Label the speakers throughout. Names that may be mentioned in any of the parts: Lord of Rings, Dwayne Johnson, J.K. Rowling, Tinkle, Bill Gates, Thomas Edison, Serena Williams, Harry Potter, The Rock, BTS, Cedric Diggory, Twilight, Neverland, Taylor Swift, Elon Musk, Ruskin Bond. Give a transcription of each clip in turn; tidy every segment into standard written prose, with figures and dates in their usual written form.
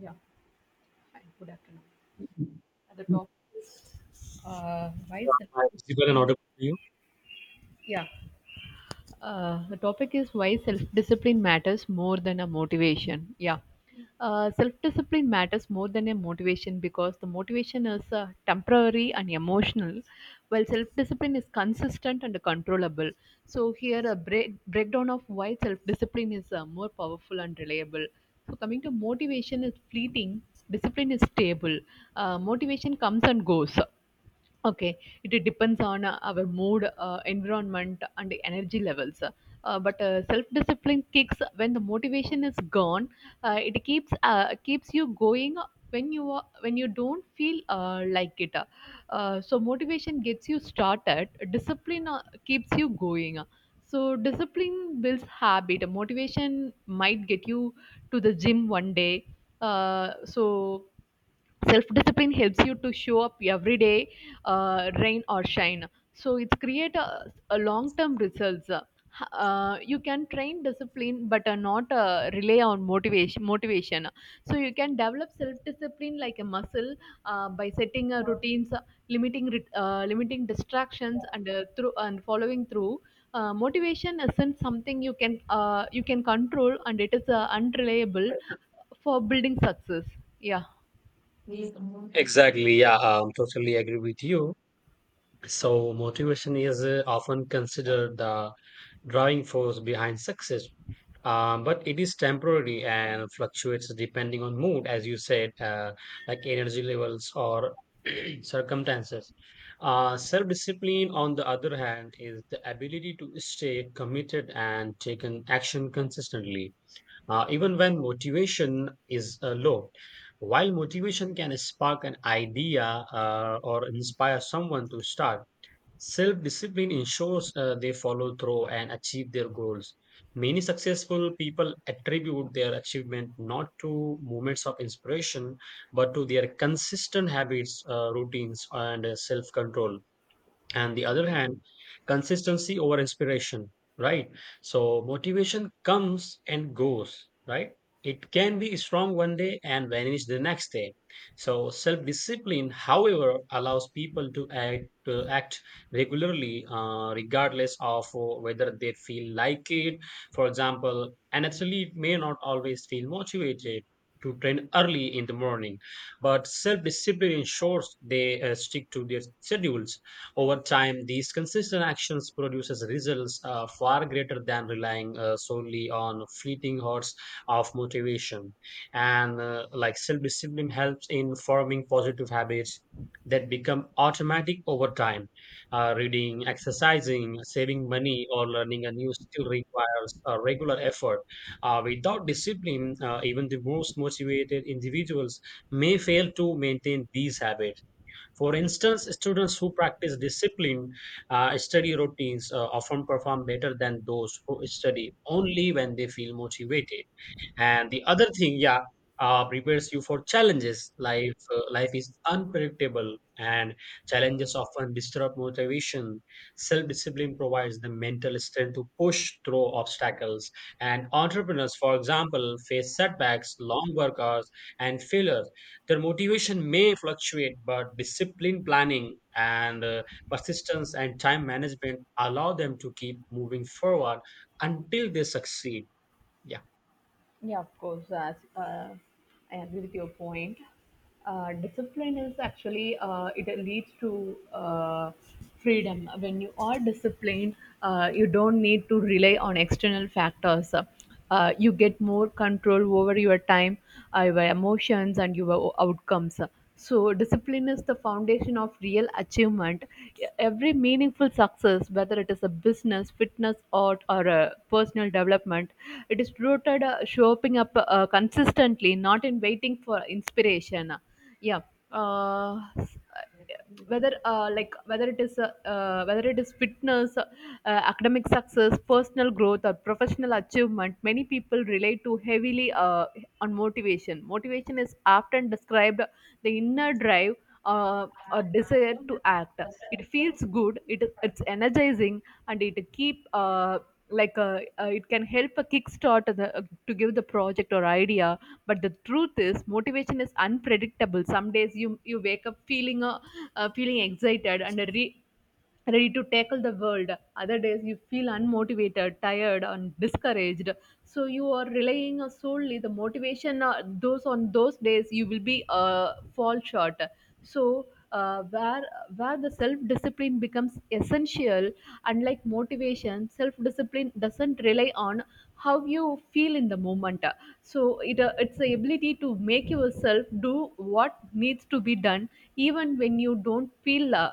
Speaker 1: Yeah. Hi, good afternoon. At the top, why
Speaker 2: I visible and
Speaker 1: and
Speaker 2: audible to you?
Speaker 1: yeah. The topic is why self-discipline matters more than a motivation. Yeah, self-discipline matters more than a motivation because the motivation is temporary and emotional, while self-discipline is consistent and controllable. So here a breakdown of why self-discipline is more powerful and reliable. So coming to motivation is fleeting, discipline is stable. Motivation comes and goes. Okay, it depends on our mood, environment, and the energy levels. But self-discipline kicks when the motivation is gone. It keeps you going when you don't feel like it. So motivation gets you started. Discipline keeps you going. So discipline builds habit. Motivation might get you to the gym one day. So self discipline helps you to show up every day rain or shine. So it's create a long-term results. You can train discipline, but not rely on motivation. Motivation. So you can develop self-discipline like a muscle by setting routines, limiting distractions, and through and following through. Motivation isn't something you can control, and it is unreliable for building success. Yeah.
Speaker 2: Exactly, yeah, totally agree with you. So, motivation is often considered the driving force behind success, but it is temporary and fluctuates depending on mood, as you said, like energy levels or circumstances. Self discipline, on the other hand, is the ability to stay committed and take an action consistently, even when motivation is low. While motivation can spark an idea or inspire someone to start, self discipline ensures they follow through and achieve their goals. Many successful people attribute their achievement not to moments of inspiration, but to their consistent habits, routines, and self control. And the other hand, consistency over inspiration, right? So motivation comes and goes, right? It can be strong one day and vanish the next day. So self discipline, however, allows people to act regularly, regardless of whether they feel like it. For example, an athlete may not always feel motivated to train early in the morning, but self discipline ensures they stick to their schedules. Over time, these consistent actions produces results far greater than relying solely on fleeting hordes of motivation. And like, self-discipline helps in forming positive habits that become automatic over time. Reading, exercising, saving money, or learning a new skill requires a regular effort. Without discipline, even the most motivated individuals may fail to maintain these habits. For instance, students who practice disciplined study routines often perform better than those who study only when they feel motivated. And the other thing, yeah, prepares you for challenges life. Life is unpredictable, and challenges often disrupt motivation. Self discipline provides the mental strength to push through obstacles. And entrepreneurs, for example, face setbacks, long work hours, and failures. Their motivation may fluctuate, but discipline, planning, and persistence and time management allow them to keep moving forward until they succeed. Yeah.
Speaker 1: Yeah, of course. As I agree with your point, discipline is actually it leads to freedom. When you are disciplined, you don't need to rely on external factors. You get more control over your time, your emotions, and your outcomes. So, discipline is the foundation of real achievement. Every meaningful success, whether it is a business, fitness, art, or a personal development, it is rooted showing up consistently, not in waiting for inspiration. Yeah. S- whether like whether it is Whether it is fitness academic success personal growth or professional achievement many people relate to heavily on motivation motivation is often described the inner drive or desire to act. It feels good. It's energizing, and it keep it can help a kickstart to give the project or idea. But the truth is, motivation is unpredictable. Some days you wake up feeling feeling excited, and a ready to tackle the world. Other days you feel unmotivated, tired, and discouraged. So you are relying on solely the motivation. Those on those days you will be fall short. So uh, where where the self discipline becomes essential, unlike motivation, self discipline doesn't rely on how you feel in the moment. So it's the ability to make yourself do what needs to be done even when you don't feel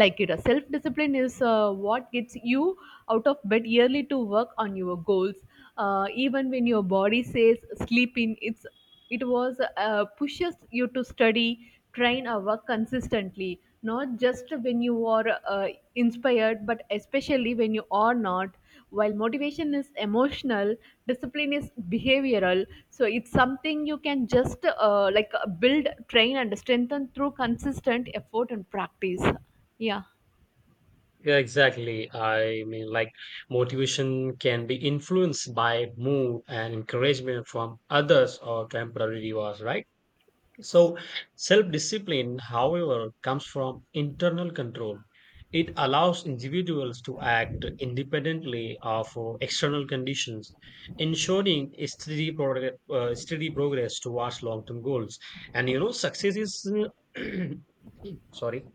Speaker 1: like it self discipline is what gets you out of bed yearly to work on your goals even when your body says sleep in it's it was pushes you to study train or work consistently not just when you are inspired, but especially when you are not. While motivation is emotional, discipline is behavioral. So it's something you can just build, train, and strengthen through consistent effort and practice. Yeah.
Speaker 2: Yeah, exactly. I mean, like, motivation can be influenced by mood and encouragement from others or temporary rewards, right?
Speaker 1: Yes.
Speaker 2: So, self discipline, however, comes from internal control. It allows individuals to act independently of external conditions, ensuring a steady progress towards long term goals. And you know, success is. Sorry.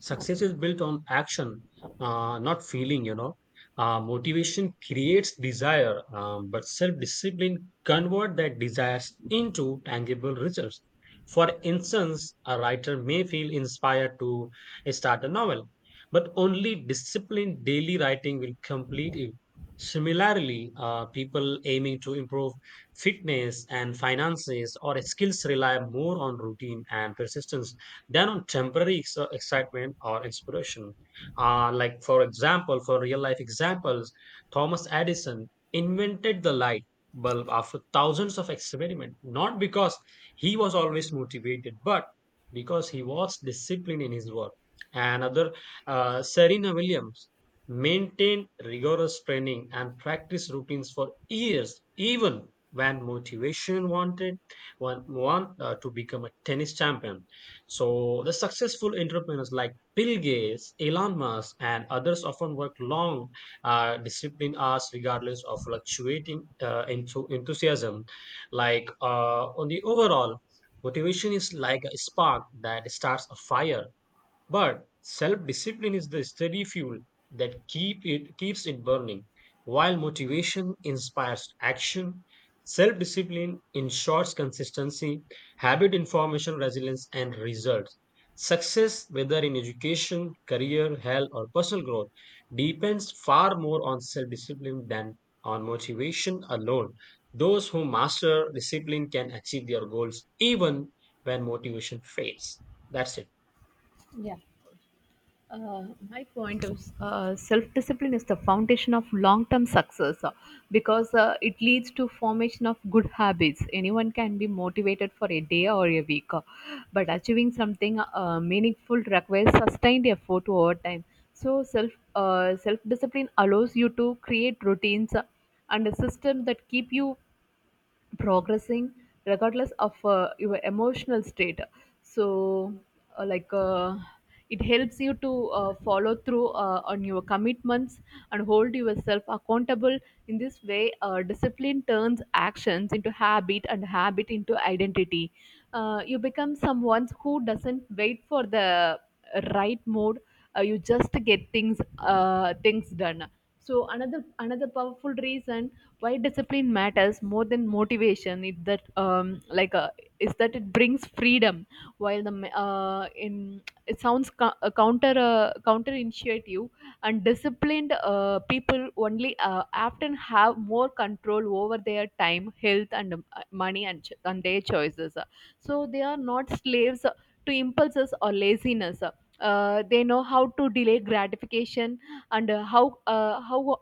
Speaker 2: Success is built on action, not feeling, you know. Motivation creates desire, but self discipline convert that desires into tangible results. For instance, a writer may feel inspired to start a novel, but only disciplined daily writing will complete it. Similarly, people aiming to improve fitness and finances or skills rely more on routine and persistence than on temporary excitement or inspiration. Like, for example, for real life examples, Thomas Edison invented the light bulb after thousands of experiments, not because he was always motivated, but because he was disciplined in his work. And other, Serena Williams maintained rigorous training and practice routines for years, even when motivation wanted one want to become a tennis champion. So the successful entrepreneurs like Bill Gates, Elon Musk, and others often work long, disciplined hours regardless of fluctuating enthusiasm. Like on the overall, motivation is like a spark that starts a fire, but self-discipline is the steady fuel that keeps it burning. While motivation inspires action, self-discipline ensures consistency, habit information, resilience, and results. Success, whether in education, career, health, or personal growth, depends far more on self-discipline than on motivation alone. Those who master discipline can achieve their goals even when motivation fades. That's it.
Speaker 1: Yeah. My point is self-discipline is the foundation of long-term success because it leads to formation of good habits anyone can be motivated for a day or a week but achieving something meaningful requires sustained effort over time so self-discipline allows you to create routines and a system that keep you progressing regardless of your emotional state so uh, like uh, it helps you to follow through on your commitments and hold yourself accountable in this way discipline turns actions into habit and habit into identity you become someone who doesn't wait for the right mood you just get things done so another powerful reason why discipline matters more than motivation is that it brings freedom while in it sounds counter and disciplined people only often have more control over their time health and money and their choices so they are not slaves to impulses or laziness they know how to delay gratification and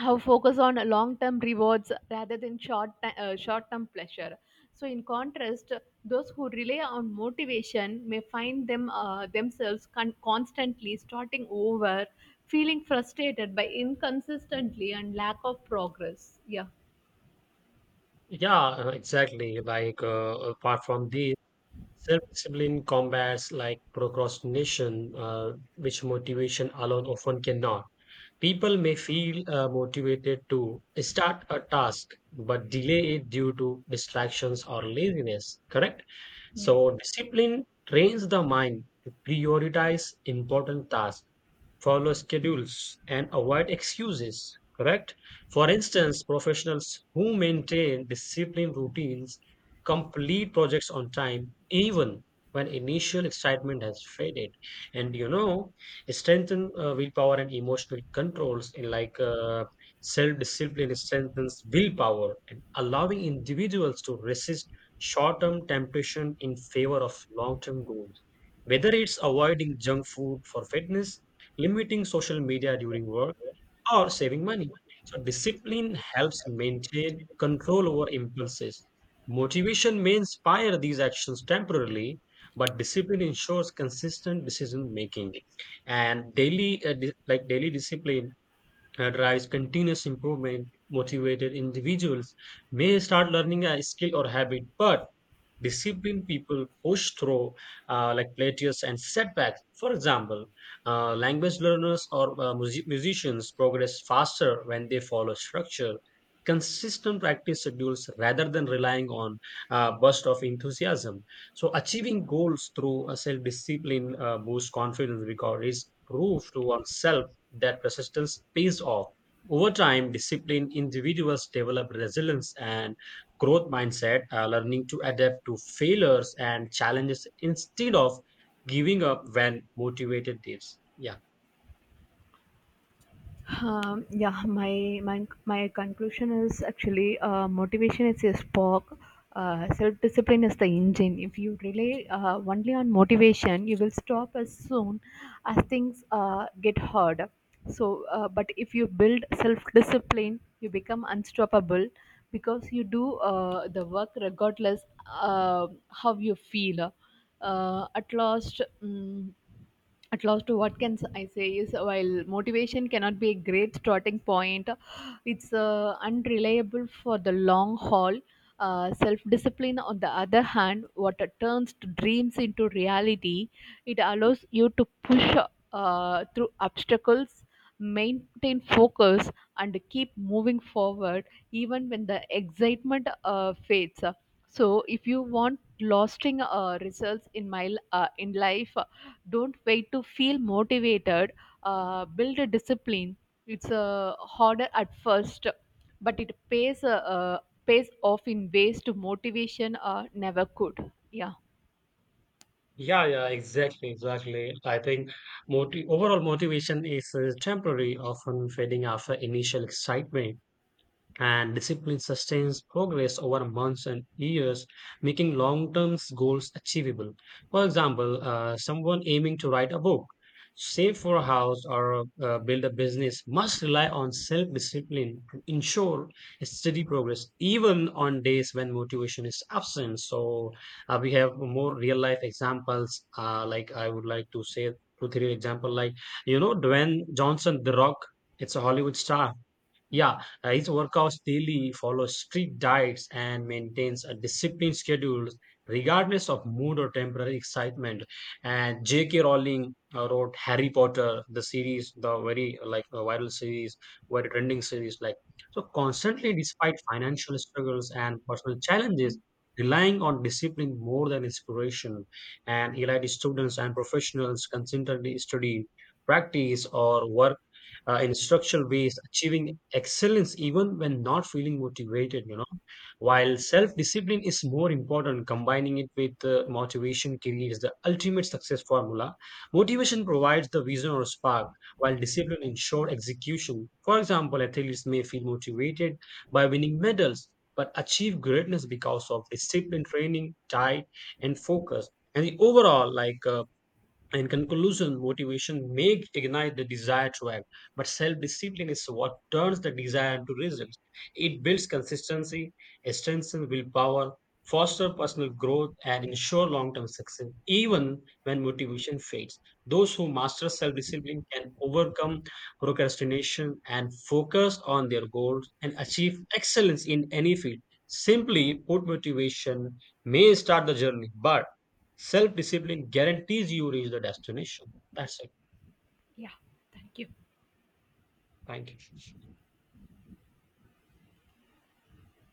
Speaker 1: how focus on long-term rewards rather than short-term pleasure. So, in contrast, those who rely on motivation may find themselves constantly starting over, feeling frustrated by inconsistency and lack of progress. Yeah.
Speaker 2: Yeah, exactly. Like apart from this, self-discipline combats, like, procrastination, which motivation alone often cannot. People may feel motivated to start a task but delay it due to distractions or laziness, correct?
Speaker 1: Yeah.
Speaker 2: So, discipline trains the mind to prioritize important tasks, follow schedules, and avoid excuses, correct? For instance, professionals who maintain disciplined routines complete projects on time even when initial excitement has faded. And you know, strengthen willpower and emotional controls, in like self-discipline strengthens willpower and allowing individuals to resist short-term temptation in favor of long-term goals, whether it's avoiding junk food for fitness, limiting social media during work, or saving money. So discipline helps maintain control over impulses. Motivation may inspire these actions temporarily, but discipline ensures consistent decision making. And daily, like daily discipline, drives continuous improvement. Motivated individuals may start learning a skill or habit, but disciplined people push through like plateaus and setbacks. For example, language learners or musicians progress faster when they follow structure, consistent practice schedules rather than relying on burst of enthusiasm. So achieving goals through a self-discipline boosts confidence because it's proof to oneself that persistence pays off. Over time, disciplined individuals develop resilience and growth mindset, learning to adapt to failures and challenges instead of giving up when motivated leaves. Yeah.
Speaker 1: Yeah, my conclusion is actually motivation is a spark. Self-discipline is the engine. If you rely only on motivation, you will stop as soon as things get hard. But if you build self-discipline, you become unstoppable because you do the work regardless how you feel uh, at last mm at last what can I say is while motivation cannot be a great starting point it's unreliable for the long haul self-discipline on the other hand what turns to dreams into reality it allows you to push through obstacles maintain focus and keep moving forward even when the excitement fades so if you want lasting results in life, don't wait to feel motivated. Build a discipline. It's harder at first, but it pays uh, pays off in ways to motivation never could. Yeah,
Speaker 2: Yeah, yeah, exactly, exactly. I think, moti overall, motivation is temporary, often fading after initial excitement, and discipline sustains progress over months and years, making long term goals achievable. For example, someone aiming to write a book, save for a house, or build a business must rely on self discipline to ensure steady progress, even on days when motivation is absent. So, we have more real life examples, like I would like to say. Two, three example, like, you know, Dwayne Johnson, The Rock. It's a Hollywood star, yeah, his workouts daily follows strict diets and maintains a disciplined schedule regardless of mood or temporary excitement. And J.K. Rowling wrote Harry Potter, the series, the very, like, viral series, very trending series. Like, so, constantly, despite financial struggles and personal challenges, relying on discipline more than inspiration. And he led students and professionals consistently study, practice, or work in structural ways, achieving excellence even when not feeling motivated, you know. While self discipline is more important, combining it with motivation creates the ultimate success formula. Motivation provides the vision or spark, while discipline ensures execution. For example, athletes may feel motivated by winning medals, but achieve greatness because of discipline, training, diet, and focus. And the overall, like in conclusion, motivation may ignite the desire to act, but self discipline is what turns the desire into results. It builds consistency, strengthens willpower, fosters personal growth, and ensures long term success, even when motivation fades. Those who master self discipline can overcome procrastination and focus on their goals and achieve excellence in any field. Simply put, motivation may start the journey, but Self discipline guarantees you reach the destination. That's it.
Speaker 1: yeah, thank you.
Speaker 2: Thank you.